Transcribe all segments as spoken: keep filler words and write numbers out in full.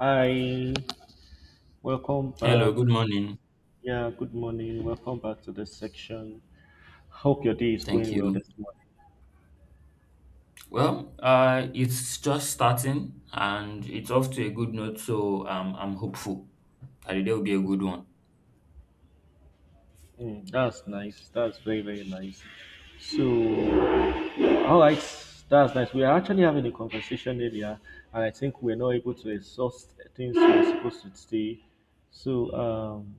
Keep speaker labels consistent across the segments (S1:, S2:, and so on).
S1: Hi, welcome
S2: Hello,
S1: back.
S2: good morning.
S1: Yeah, good morning. Welcome back to this section. Hope your day is
S2: Thank
S1: going well
S2: you.
S1: this morning.
S2: Well, uh, it's just starting and it's off to a good note, so um, I'm hopeful that the day will be a good one.
S1: Mm, that's nice. That's very, very nice. So, all right, that's nice. We are actually having a conversation earlier, and I think we're not able to exhaust things we're supposed to say. So, um,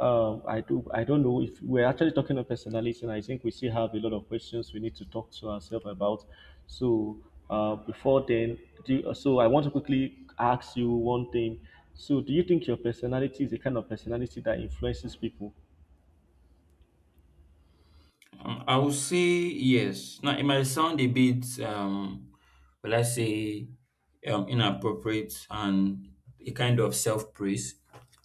S1: uh, I do. I don't know if we're actually talking of personality, and I think we still have a lot of questions we need to talk to ourselves about. So uh, before then, do you, so I want to quickly ask you one thing. So do you think your personality is the kind of personality that influences people?
S2: Um, I would say yes. Now, it might sound a bit, um, will I say, um, inappropriate and a kind of self-praise,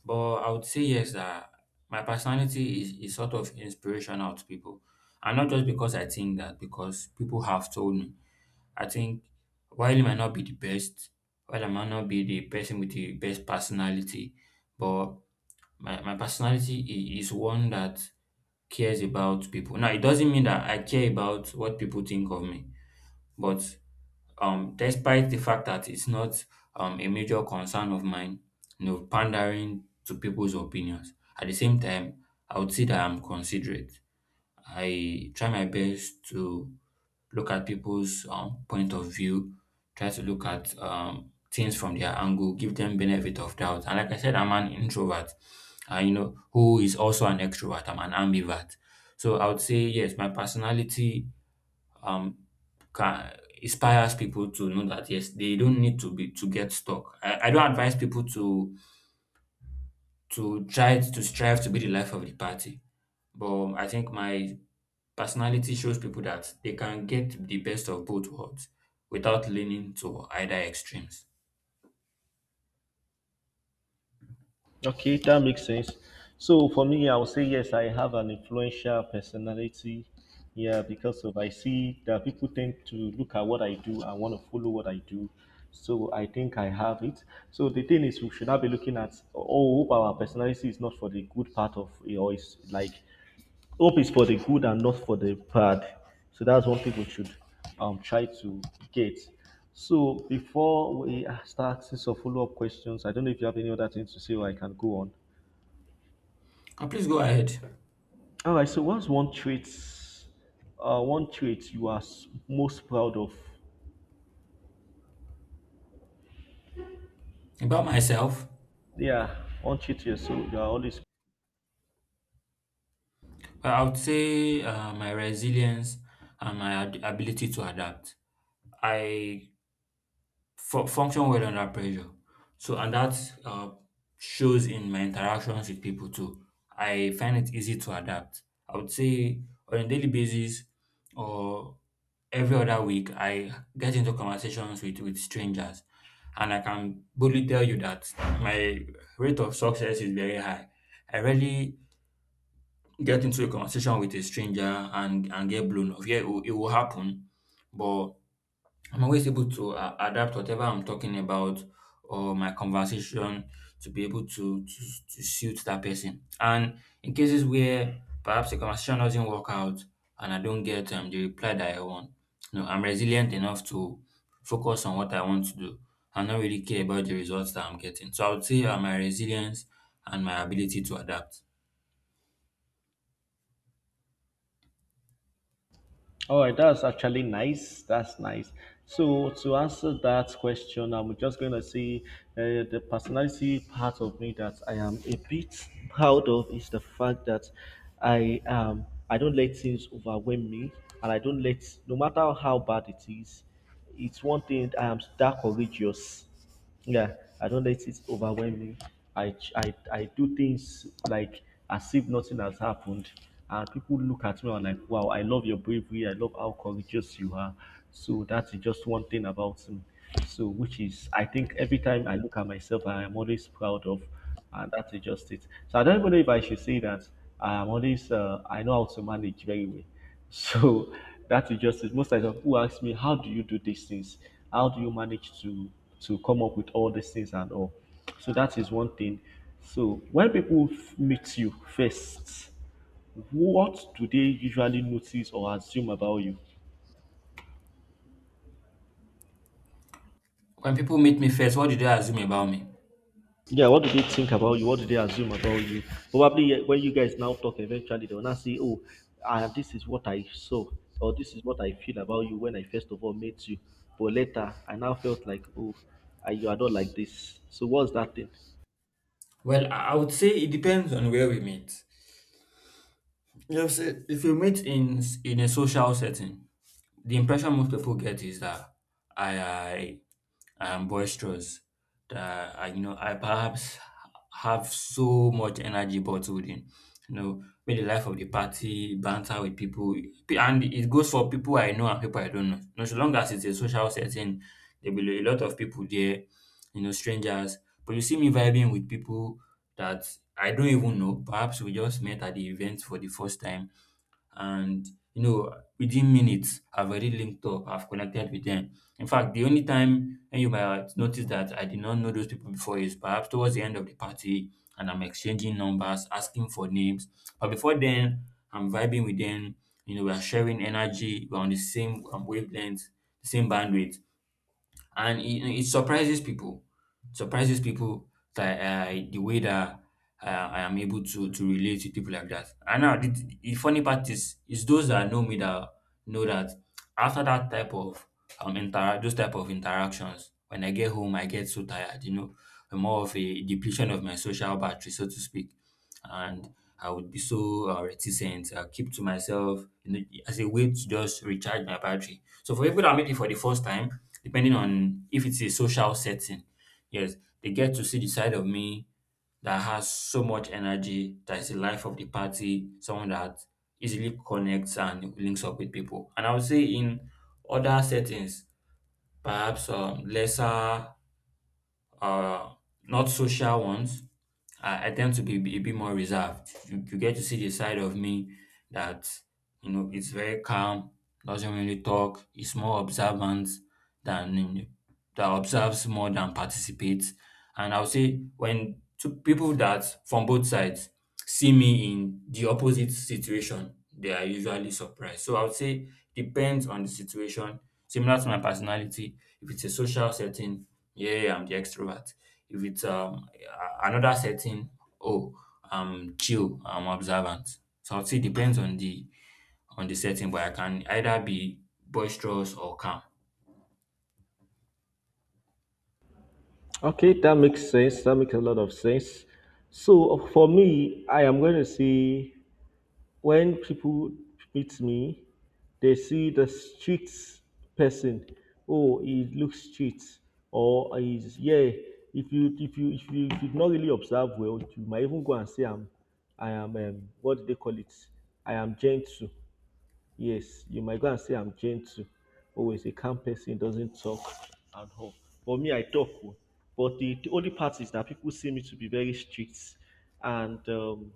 S2: but I would say yes that my personality is, is sort of inspirational to people. And not just because I think that, because people have told me. I think while he might not be the best, while I might not be the person with the best personality, but my, my personality i- is one that cares about people. Now, it doesn't mean that I care about what people think of me, but um, despite the fact that it's not um, a major concern of mine, you know, pandering to people's opinions, at the same time, I would say that I'm considerate. I try my best to look at people's um, point of view, try to look at um, things from their angle, give them benefit of doubt. And like I said, I'm an introvert, uh, you know, who is also an extrovert. I'm an ambivert. So I would say yes, my personality um can inspires people to know that yes, they don't need to be to get stuck. I, I don't advise people to to try to strive to be the life of the party. But I think my personality shows people that they can get the best of both worlds without leaning to either extremes.
S1: Okay, that makes sense. So for me, I would say yes, I have an influential personality. Yeah, because of I see that people tend to look at what I do and want to follow what I do. So I think I have it. So the thing is, we should not be looking at oh, hope our personality is not for the good part of or is like hope is for the good and not for the bad. So that's what people should um, try to get. So before we uh, start asking some follow-up questions, I don't know if you have any other things to say or I can go on.
S2: And please go ahead.
S1: All right. So what's one trait? Uh, one trait you are s- most proud of?
S2: About myself,
S1: Yeah, one trait you're so you are always.
S2: well, I would say uh, my resilience and my ad- ability to adapt. I fu- function well under pressure. So, and that uh, shows in my interactions with people too. I find it easy to adapt. I would say on a daily basis or every other week, I get into conversations with, with strangers. And I can boldly tell you that my rate of success is very high. I rarely get into a conversation with a stranger and, and get blown off. Yeah, it will, it will happen, but I'm always able to uh, adapt whatever I'm talking about or my conversation to be able to, to to suit that person. And in cases where perhaps the conversation doesn't work out and I don't get um, the reply that I want, you know, I'm resilient enough to focus on what I want to do, and not really care about the results that I'm getting. So I would say uh, my resilience and my ability to adapt.
S1: All right, that's actually nice. That's nice. So to answer that question, I'm just going to say uh, the personality part of me that I am a bit proud of is the fact that I um I don't let things overwhelm me, and I don't let no matter how bad it is, it's one thing that I am that courageous. Yeah, I don't let it overwhelm me. I, ch- I, I do things like as if nothing has happened. And people look at me and like, wow, I love your bravery. I love how courageous you are. So that's just one thing about me. So, which is, I think every time I look at myself, I am always proud of, and that's just it. So I don't even know if I should say that I am always, uh, I know how to manage very well. So that is just it. Most times of people ask me, how do you do these things? How do you manage to to come up with all these things and all? So that is one thing. So when people f- meet you first, what do they usually notice or assume about you?
S2: When people meet me first, what do they assume about me?
S1: Yeah, what do they think about you? What do they assume about you? Probably eh, when you guys now talk eventually, they will not say, oh, ah, this is what I saw, or this is what I feel about you when I first of all met you. But later, I now felt like, oh, ah, you are not like this. So, what's that thing?
S2: Well, I I would say it depends on where we meet. Yes, if you meet in in a social setting, the impression most people get is that I, I, I am boisterous, that I, you know, I perhaps have so much energy bottled in, you know, maybe the life of the party, banter with people, P- and it goes for people I know and people I don't know. You know, so long as it's a social setting, there will be a lot of people there, you know, strangers. But you see me vibing with people that I don't even know. Perhaps we just met at the event for the first time and you know within minutes, I've already linked up, I've connected with them. In fact, the only time when you might notice that I did not know those people before is perhaps towards the end of the party and I'm exchanging numbers, asking for names. But before then, I'm vibing with them. You know, we are sharing energy, we're on the same um, wavelength, the same bandwidth, and it, it surprises people surprises people that uh, the way that uh, I am able to to relate to people like that. And now the, the funny part is is those that know me that know that after that type of um interact those type of interactions, when I get home, I get so tired. You know, more of a depletion of my social battery, so to speak. And I would be so uh, reticent. I keep to myself, you know, as a way to just recharge my battery. So for people that meet me for the first time, depending on if it's a social setting, yes, they get to see the side of me that has so much energy, that is the life of the party, someone that easily connects and links up with people. And I would say in other settings, perhaps um, lesser uh, not social ones, I, I tend to be a bit more reserved. You, you get to see the side of me that, you know, it's very calm, doesn't really talk, is more observant than that observes more than participates. And I'll say when two people that from both sides see me in the opposite situation, they are usually surprised. So I would say depends on the situation. Similar to my personality, if it's a social setting, yeah, I'm the extrovert. If it's um a- another setting, oh, I'm chill, I'm observant. So I would say depends on the on the setting, but I can either be boisterous or calm.
S1: Okay, that makes sense. That makes a lot of sense. So for me, I am going to say when people meet me, they see the street person. Oh, he looks street, or he's yeah. If you if you if you if you not really observe well, you might even go and say I'm, I am um, what do they call it? I am gentle. Yes, you might go and say I'm gentle. Oh, he's a calm person doesn't talk and all. For me, I talk. Oh. But the, the only part is that people see me to be very strict, and um,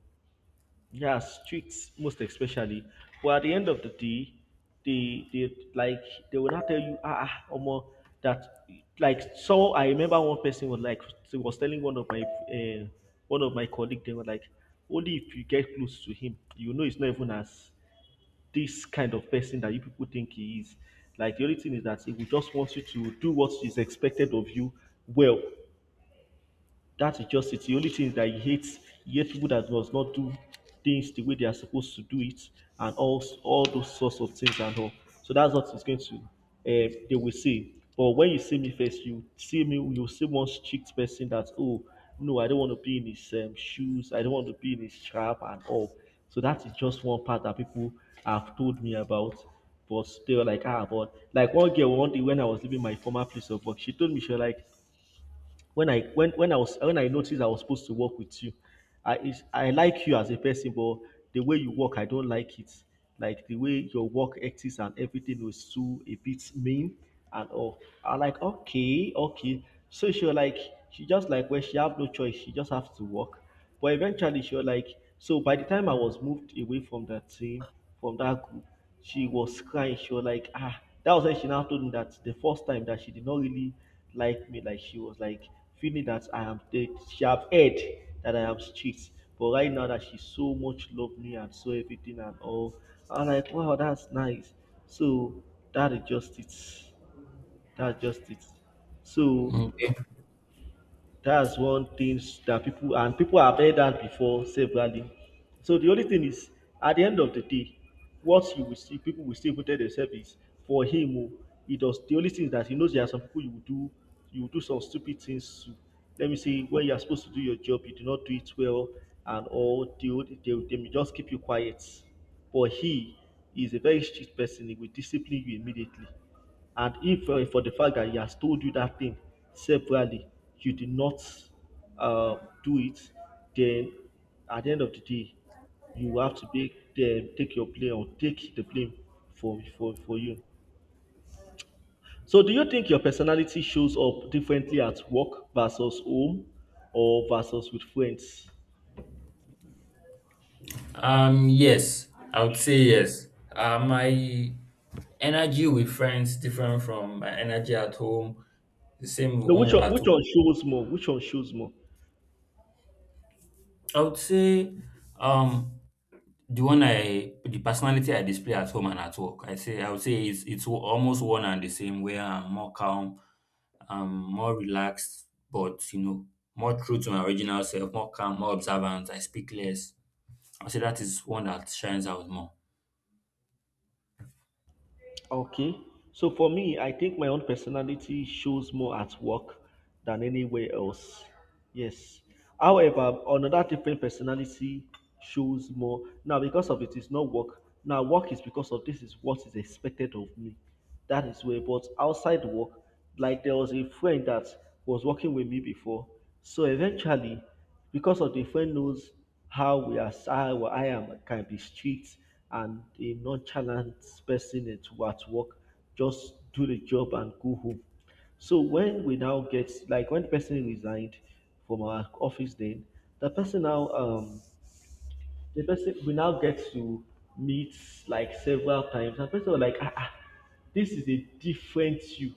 S1: yeah, streets most especially. But at the end of the day, they they like they will not tell you ah ah, omo that, like so I remember one person was like he was telling one of my uh, one of my colleague. They were like, only if you get close to him, you know it's not even as this kind of person that you people think he is. Like the only thing is that he will just want you to do what is expected of you well, that is just it. The only thing is that he hates, he hates people that does not do things the way they are supposed to do it, and all all those sorts of things and all. So that's what it's going to. Uh, they will say. But when you see me first, you see me, you see one strict person that oh no, I don't want to be in his um, shoes. I don't want to be in his trap and all. So that is just one part that people have told me about. But they were like, ah, but like one girl one day when I was leaving my former place of work, she told me she was like, when I when when I was when I noticed I was supposed to work with you, I is- I like you as a person, but the way you work, I don't like it. Like the way your work ethics and everything was too a bit mean and all. I'm like, okay, okay. So she was like, she just like when she have no choice, she just have to work. But eventually she was like, so by the time I was moved away from that team, from that group, she was crying. She was like, ah, that was when she now told me that the first time that she did not really like me, like she was like feeling that I am dead. She have heard that I am strict. But right now that she so much loved me and so everything and all, I'm like, wow, that's nice. So that is just it. That's just it. So
S2: Okay.
S1: that's one things that people and people have heard that before severally. So the only thing is, at the end of the day, what you will see, people will still go tell themselves is for him. Oh, he does. The only thing is that he knows there are some people you will do, you will do, some stupid things to. Let me say, when you are supposed to do your job, you do not do it well, and all they will- they, will- they may just keep you quiet. But he is a very strict person. He will discipline you immediately. And if uh, for the fact that he has told you that thing severally, you did not uh, do it, then at the end of the day, you have to take them take your blame, or take the blame for for for you. So, do you think your personality shows up differently at work versus home or versus with friends?
S2: Um. Yes, I would say yes. Uh, my energy with friends different from my energy at home, the same with
S1: No, which
S2: one
S1: one
S2: at
S1: which
S2: home.
S1: one shows more? Which one shows more?
S2: I would say um the one I the personality I display at home and at work. I say I would say it's it's almost one and the same where I'm more calm, I'm more relaxed, but you know, more true to my original self, more calm, more observant, I speak less. I would say that is one that shines out more.
S1: Okay. So for me, I think my own personality shows more at work than anywhere else. Yes. However, another different personality shows more now because of it is not work. Now work is because of this is what is expected of me. That is where, but outside work, like there was a friend that was working with me before. So eventually, because of the friend knows how we are, how I am, can be strict and a nonchalant person at at work, just do the job and go home. So when we now get like when the person resigned from our office, then the person now um the person we now get to meet like several times, and person was like, ah ah this is a different you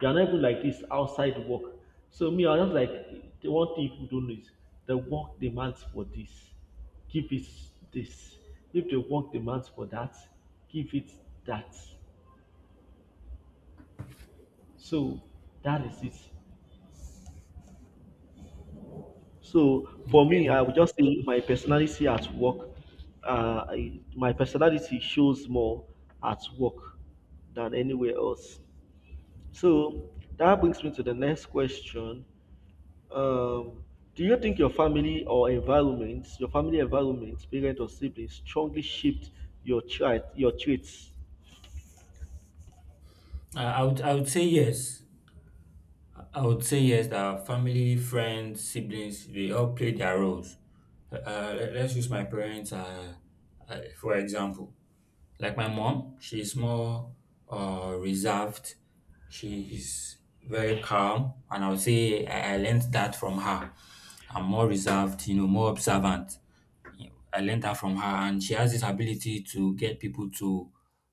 S1: you are not even like this outside work. So me, I was just like, the one thing people don't know is the work demands for this, give it this; if the work demands for that, give it that. So that is it. So for me,
S2: Okay.
S1: I would just say my personality at work, uh, I- my personality shows more at work than anywhere else. So that brings me to the next question. Um, do you think your family or environment, your family environment, parent or siblings, strongly shaped your trait, your traits?
S2: I I would I would say yes. I would say yes, that family, friends, siblings, they all play their roles. Uh, let- let's use my parents uh, uh, for example. Like my mom, she's more uh, reserved. She is very calm, and I would say I, I learned that from her. I'm more reserved, you know, more observant. I learned that from her, and she has this ability to get people to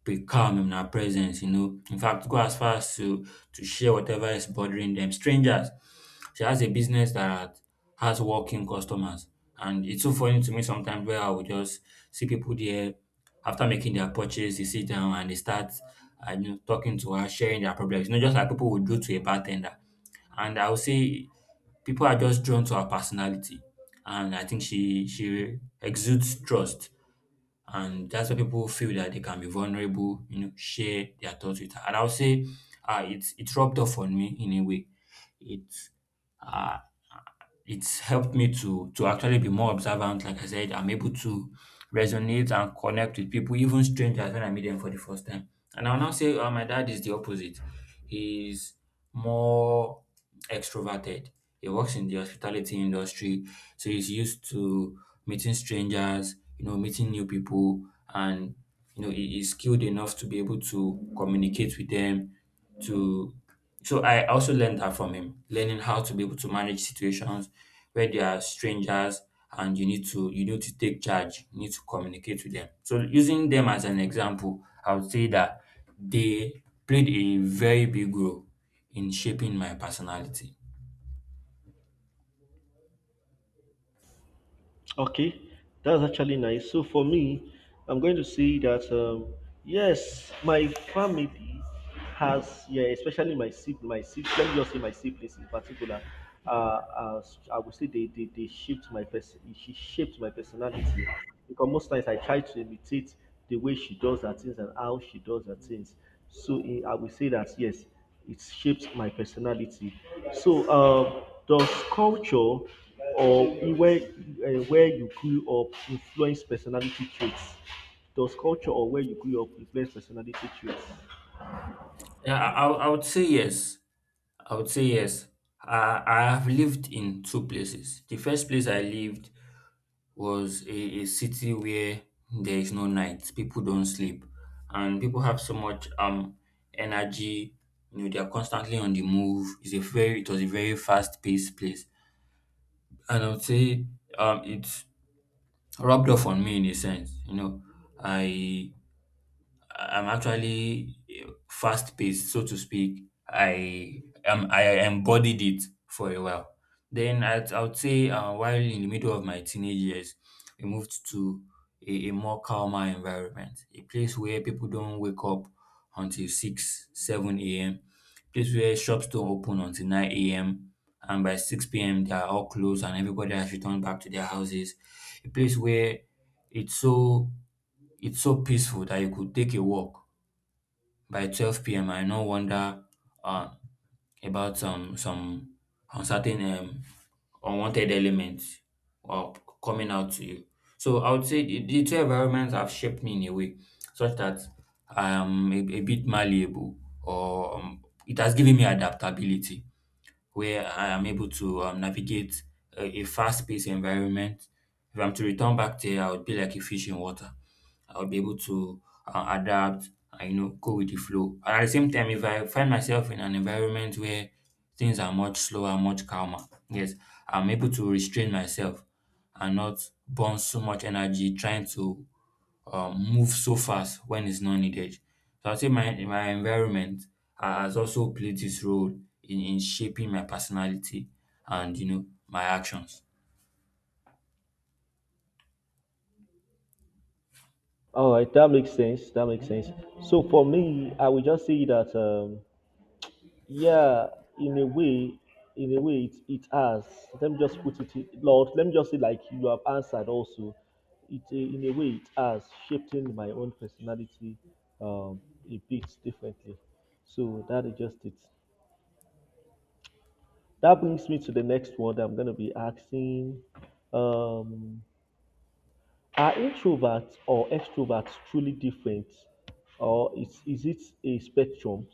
S2: be calm in her presence, you know. In fact, go as far as to to share whatever is bothering them. Strangers. She has a business that has walking customers, and it's so funny to me sometimes where I would just see people there after making their purchase, they sit down and they start, uh, you know, talking to her, sharing their problems. You know, just like people would do to a bartender. And I would say people are just drawn to her personality, and I think she she exudes trust and that's where people feel that they can be vulnerable, you know, share their thoughts with her. And I would say uh, it's it rubbed off on me in a way. It's uh, it's helped me to to actually be more observant. Like I said, I'm able to resonate and connect with people, even strangers, when I meet them for the first time. And I'll now say uh, my dad is the opposite. He's more extroverted. He works in the hospitality industry, so he's used to meeting strangers, you know, meeting new people, and you know, he is skilled enough to be able to communicate with them. To so, I also learned that from him, learning how to be able to manage situations where there are strangers and you need to you need to take charge. You need to communicate with them. So, using them as an example, I would say that they played a very big role in shaping my personality.
S1: Okay, that's actually nice. So for me, I'm going to say that um, yes, my family has, yeah, especially my sib my sib let me just say my siblings in particular. Uh, uh, I would say they they, they shaped my person. She shaped my personality because most times I try to imitate the way she does her things and how she does her things. So eh, I would say that yes. It shaped my personality. So, um, does culture or where uh, where you grew up influence personality traits? Does culture or where you grew up influence personality traits?
S2: Yeah, I, I would I would say yes. I would say yes. I, I have lived in two places. The first place I lived was a, a city where there is no night, people don't sleep, and people have so much um energy. You know, they are constantly on the move. It's a very it was a very fast paced place, and I would say um it's rubbed off on me in a sense. You know, I I'm actually fast paced, so to speak. I um I embodied it for a while. Then I I would say uh, while in the middle of my teenage years, we moved to a, a more calmer environment, a place where people don't wake up until six seven a m. Place where shops don't open until nine a m and by six p m they are all closed and everybody has returned back to their houses. A place where it's so it's so peaceful that you could take a walk. By twelve p m, I no wonder um, about um, some uncertain um, unwanted elements or c- coming out to you. So I would say the, the two environments have shaped me in a way such that I am a, a bit malleable or um, it has given me adaptability where I am able to um, navigate a, a fast-paced environment. If I'm to return back there, I would be like a fish in water. I would be able to uh, adapt and you know go with the flow. And at the same time, if I find myself in an environment where things are much slower, much calmer, yes, I'm able to restrain myself and not burn so much energy trying to um, move so fast when it's not needed. So I'd say my my environment ha- has also played this role in, in shaping my personality and you know my actions.
S1: All right, that makes sense. That makes sense. So for me, I would just say that um, yeah, in a way, in a way, it, it has. Let me just put it, in- Lord, let me just say, like you have answered also. It, uh, in a way, it has shaping my own personality um, a bit differently. So that is just it. That brings me to the next one that I'm going to be asking. Um, are introverts or extroverts truly different? Or is, is it a spectrum?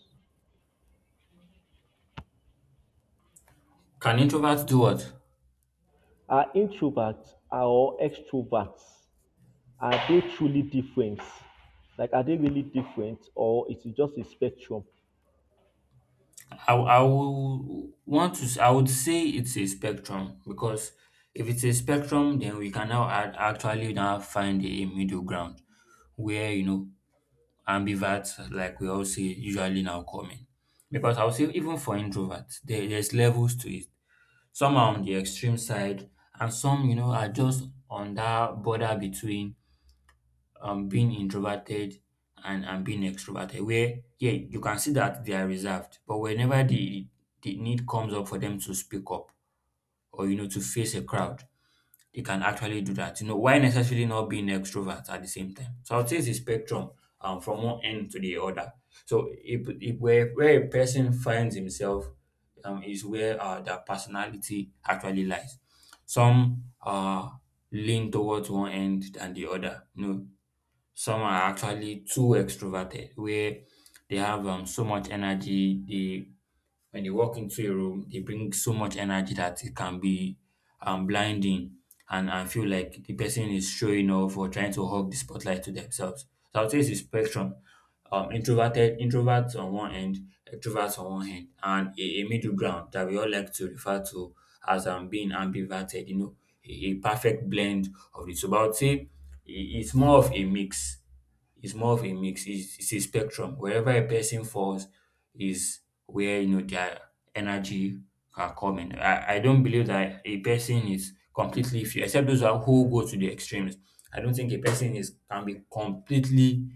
S2: Can introverts do what?
S1: Are introverts or extroverts, are they truly different? Like, are they really different, or it is just a spectrum?
S2: I I will want to s- I would say it's a spectrum because if it's a spectrum then we can now add, actually now find a middle ground where you know ambiverts like we all say usually now come in because I would say even for introverts there, there's levels to it. Some are on the extreme side, and some, you know, are just on that border between um being introverted and, and being extroverted, where yeah, you can see that they are reserved, but whenever the the need comes up for them to speak up or you know to face a crowd, they can actually do that, you know, while necessarily not being extrovert at the same time. So I would say it's a spectrum um, from one end to the other. So if, if where, where a person finds himself um, is where uh, their personality actually lies. Some uh, lean towards one end than the other. You know, some are actually too extroverted, where they have um, so much energy, they when you walk into a room, they bring so much energy that it can be um, blinding. And I feel like the person is showing off or trying to hog the spotlight to themselves. So I would say it's a spectrum. Um, introverted introverts on one end, extroverts on one end, and a, a middle ground that we all like to refer to as um, being ambiverted, you know, a, a perfect blend of it. So I would say i- it's more of a mix. It's more of a mix. It's, it's a spectrum. Wherever a person falls is where you know their energy are coming. I, I don't believe that a person is completely free, except those who are- who go to the extremes. I don't think a person is can be completely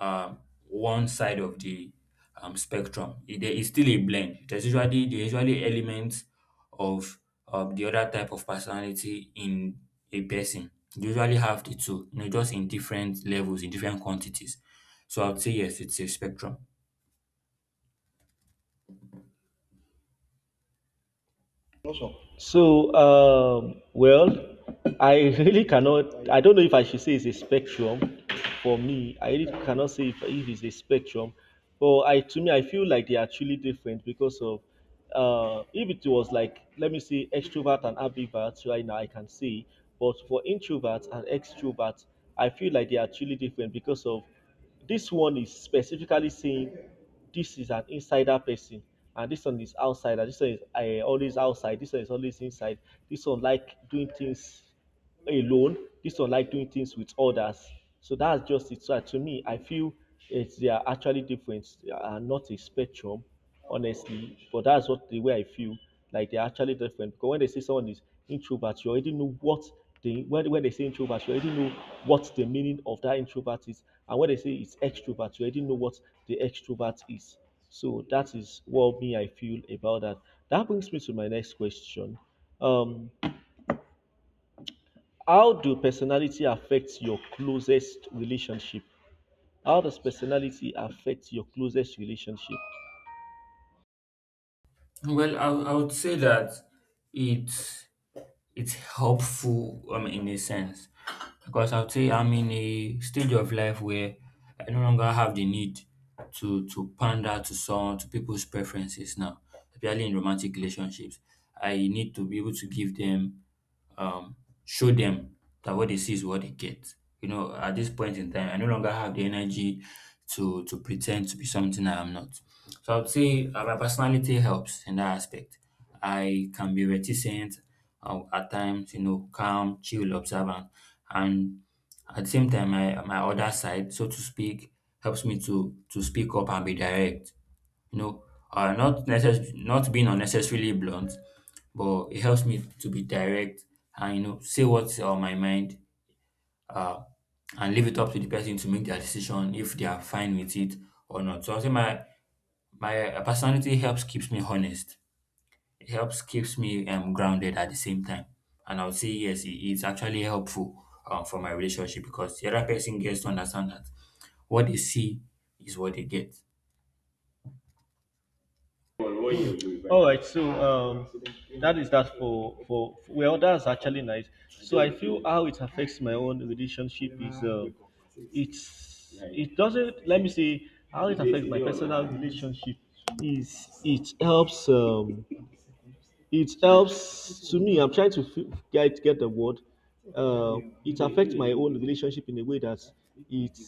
S2: um, one side of the um, spectrum. It, there is still a blend. There's usually there's usually elements of um, the other type of personality in a person. They usually have the two, you know, just in different levels, in different quantities. So I would say yes, it's a spectrum.
S1: So, um, well, I really cannot. I don't know if I should say it's a spectrum for me. I really cannot say if, if it's a spectrum, but I, to me, I feel like they are truly different because of uh, if it was like, let me say, extrovert and ambivert right now I can say, but for introverts and extroverts I feel like they are truly different because of this one is specifically saying this is an insider person, and this one is outsider. This one is uh, always outside. This one is always inside. This one like doing things alone. This one like doing things with others. So that's just it. So to me, I feel it's they are actually different. They are not a spectrum, honestly. But that's what the way I feel. Like they're actually different. Because when they say someone is introvert, you already know what they when, when they say introvert, you already know what the meaning of that introvert is. And when they say it's extrovert, you already know what the extrovert is. So that is what me I feel about that. That brings me to my next question. Um, how do personality affect your closest relationship? How does personality affect your closest relationship?
S2: Well, I, I would say that it's it's helpful um in a sense because I would say I'm in a stage of life where I no longer have the need to to pander to some to people's preferences now, especially in romantic relationships. I need to be able to give them um, show them that what they see is what they get. You know, at this point in time, I no longer have the energy to to pretend to be something I am not. So I would say uh, my personality helps in that aspect. I can be reticent uh, at times, you know, calm, chill, observant, and at the same time, my my other side, so to speak, helps me to to speak up and be direct. You know, uh, not necess- not being unnecessarily blunt but it helps me to be direct and you know say what's on my mind uh, and leave it up to the person to make their decision if they are fine with it or not. So I say my my uh, personality helps keeps me honest. It helps keeps me um, grounded at the same time. And I would say yes, it, it's actually helpful uh, for my relationship because the other person gets to understand that what they see is what they get.
S1: All right, so um, that is that for for well, that's actually nice. So I feel how it affects my own relationship is uh, it's it doesn't. Let me see how it affects my personal relationship is it helps, um, it helps, to me I'm trying to fi- get get the word, uh, it affects my own relationship in a way that it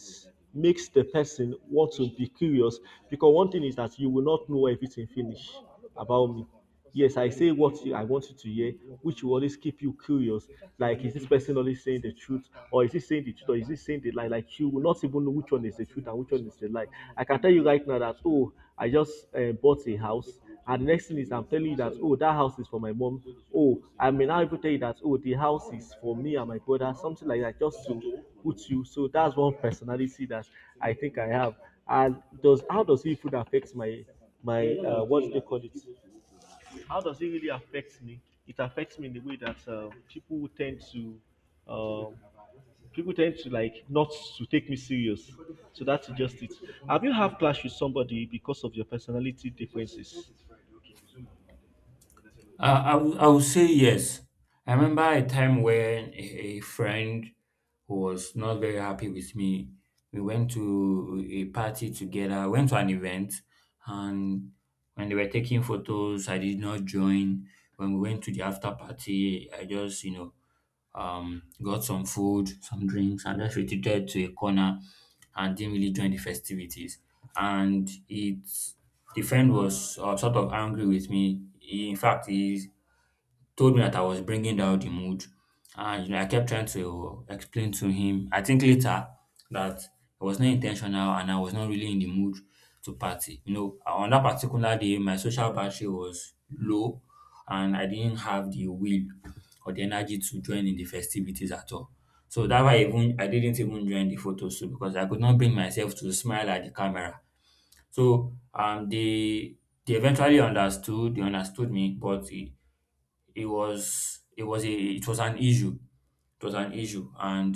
S1: makes the person want to be curious, because one thing is that you will not know everything finish about me. Yes, I say what you- I want you to hear, which will always keep you curious. Like, is this person always saying the truth, or is he saying the truth, or is he saying the lie? Like, you will not even know which one is the truth and which one is the lie. I can tell you right now that, oh, I just uh, bought a house, and next thing is I'm telling you that, oh, that house is for my mom. Oh, I may now even tell you that, oh, the house is for me and my brother, something like that, just to put you. So that's one personality that I think I have. And does, how does it food affect my my uh, what do they call it? How does it really affect me? It affects me in the way that uh, people tend to um, people tend to like not to take me serious. So that's just it. Have you have clash with somebody because of your personality differences?
S2: Uh, I would I would say yes. I remember a time when a, a friend who was not very happy with me, we went to a party together, went to an event, and when they were taking photos, I did not join. When we went to the after party, I just, you know, um, got some food, some drinks, and just retreated to a corner and didn't really join the festivities. And it the friend was uh, sort of angry with me. He, in fact, he told me that I was bringing down the mood. And you know, I kept trying to explain to him. I think later that it was not intentional and I was not really in the mood to party. You know, on that particular day, my social battery was low and I didn't have the will or the energy to join in the festivities at all. So that's why even I didn't even join the photo shoot because I could not bring myself to smile at the camera. So um they they eventually understood, they understood me, but it, it was it was a it was an issue. It was an issue, and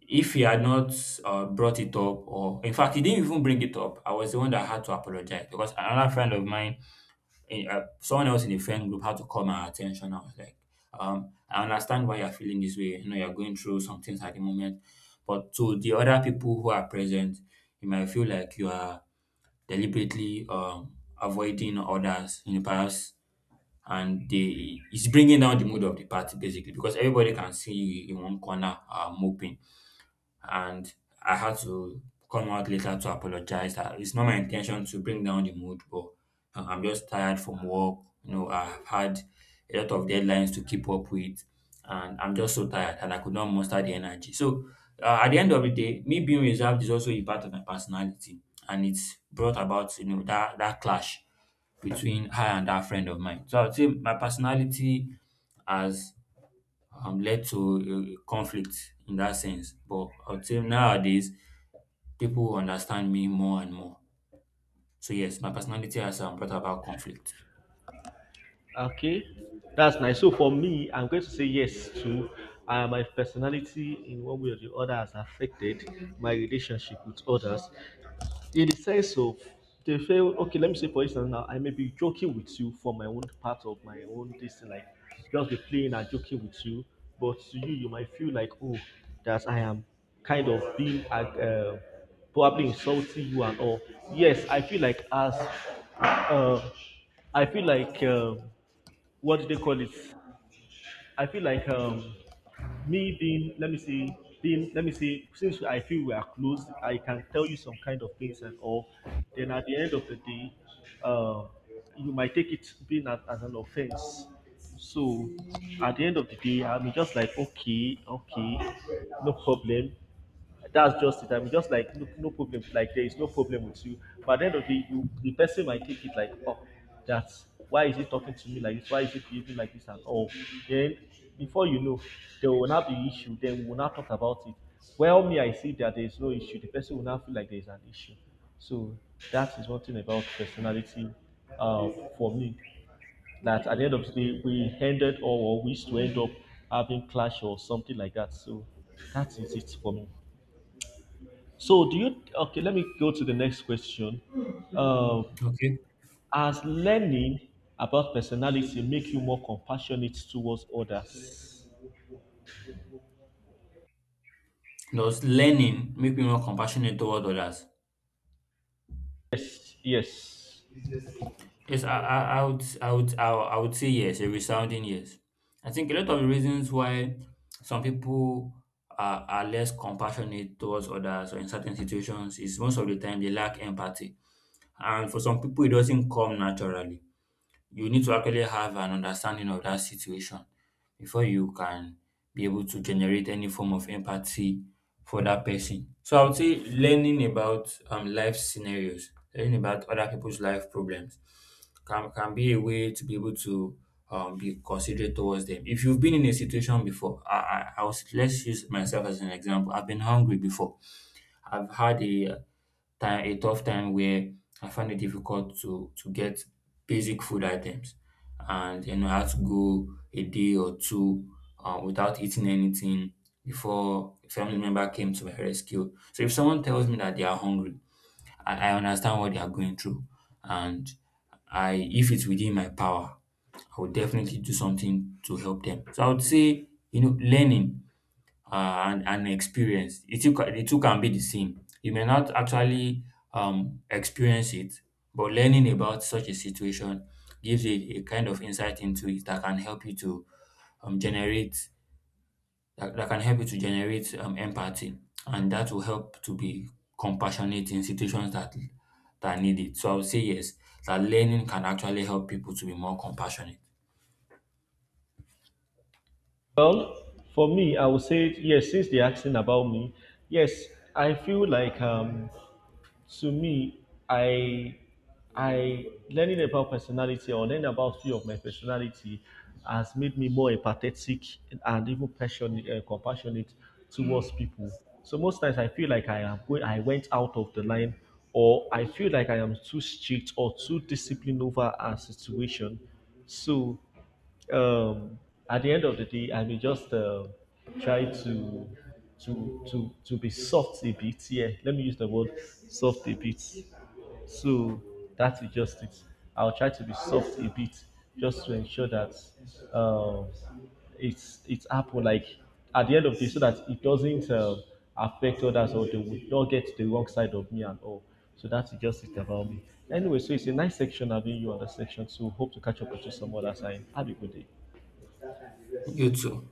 S2: if he had not uh, brought it up, or in fact, he didn't even bring it up, I was the one that had to apologize because another friend of mine in, uh, someone else in the friend group had to call my attention. I was like, um, I understand why you're feeling this way. You know, you're going through some things at the moment. But to the other people who are present, you might feel like you are deliberately um, avoiding others in the past and they it's bringing down the mood of the party basically because everybody can see you in one corner uh, moping and I had to come out later to apologize. Uh, It's not my intention to bring down the mood, but uh, I'm just tired from work. You know, I've had a lot of deadlines to keep up with, and I'm just so tired and I could not muster the energy. So, uh, at the end of the day, me being reserved is also a part of my personality, and it's brought about you know that that clash between her and that friend of mine. So I would say my personality has um, led to a conflict in that sense. But I would say nowadays, people understand me more and more. So yes, my personality has um, brought about conflict.
S1: Okay, that's nice. So for me, I'm going to say yes to uh, my personality in one way or the other has affected my relationship with others. In the sense of they feel, okay, let me say for instance now, I may be joking with you for my own part of my own this thing, like just be playing and joking with you, but to you, you might feel like, oh, that I am kind of being uh, uh, probably insulting you and all. Yes, I feel like as uh, I feel like, um what do they call it? I feel like, um, me being, let me see, being, let me see, since I feel we are close, I can tell you some kind of things and all. Then at the end of the day, uh, you might take it being as, as an offense. So at the end of the day, I'm just like, okay, okay, no problem, that's just it. I'm just like, look, no problem. Like, there is no problem with you. But at the end of the day, you, the person might take it like, oh, that's why, is he talking to me like this? Why is he behaving like this and all? Then before you know, there will not be issue. Then we will not talk about it. Well, me, I see that there is no issue. The person will not feel like there is an issue. So that is one thing about personality uh, for me. That at the end of the day, we ended or or we used to end up having clash or something like that. So that is it for me. So, do you, okay? Let me go to the next question. Um,
S2: Okay.
S1: has learning about personality make you more compassionate towards others?
S2: Does learning make me more compassionate toward others?
S1: Yes, yes.
S2: Yes, I, I, I would, I would, I, would- I would say yes, a resounding yes. I think a lot of the reasons why some people are, are less compassionate towards others or in certain situations is most of the time they lack empathy. And for some people, it doesn't come naturally. You need to actually have an understanding of that situation before you can be able to generate any form of empathy for that person. So I would say learning about um life scenarios, learning about other people's life problems can can be a way to be able to um be considerate towards them. If you've been in a situation before, I I, I was, let's use myself as an example. I've been hungry before. I've had a time a tough time where I found it difficult to to get basic food items, and you know I had to go a day or two uh, without eating anything before a family member came to my rescue. So if someone tells me that they are hungry, I, I understand what they are going through, and I if it's within my power, I would definitely do something to help them. So I would say you know learning uh, and, and experience. It took, the two can be the same. You may not actually um, experience it, but learning about such a situation gives you a kind of insight into it that can help you to um, generate that, that can help you to generate um, empathy, and that will help to be compassionate in situations that that need it. So I would say yes, that learning can actually help people to be more compassionate.
S1: Well, for me, I would say yes. Since they're asking about me, yes, I feel like, um, to me, I I learning about personality or learning about few of my personality has made me more empathetic and even passionate, uh, compassionate towards people. So most times I feel like I am going, I went out of the line, or I feel like I am too strict or too disciplined over a situation. So um, at the end of the day, I may just uh, try to to to to be soft a bit. Yeah, let me use the word soft a bit. So that is just it. I'll try to be soft a bit just to ensure that, um, it's it's happened. Like, at the end of the day, so that it doesn't uh, affect others or they would not get the wrong side of me and all. So that's just it about me. Anyway, so it's a nice section having you on the section. So hope to catch up with you some other time. Have a good day.
S2: You too.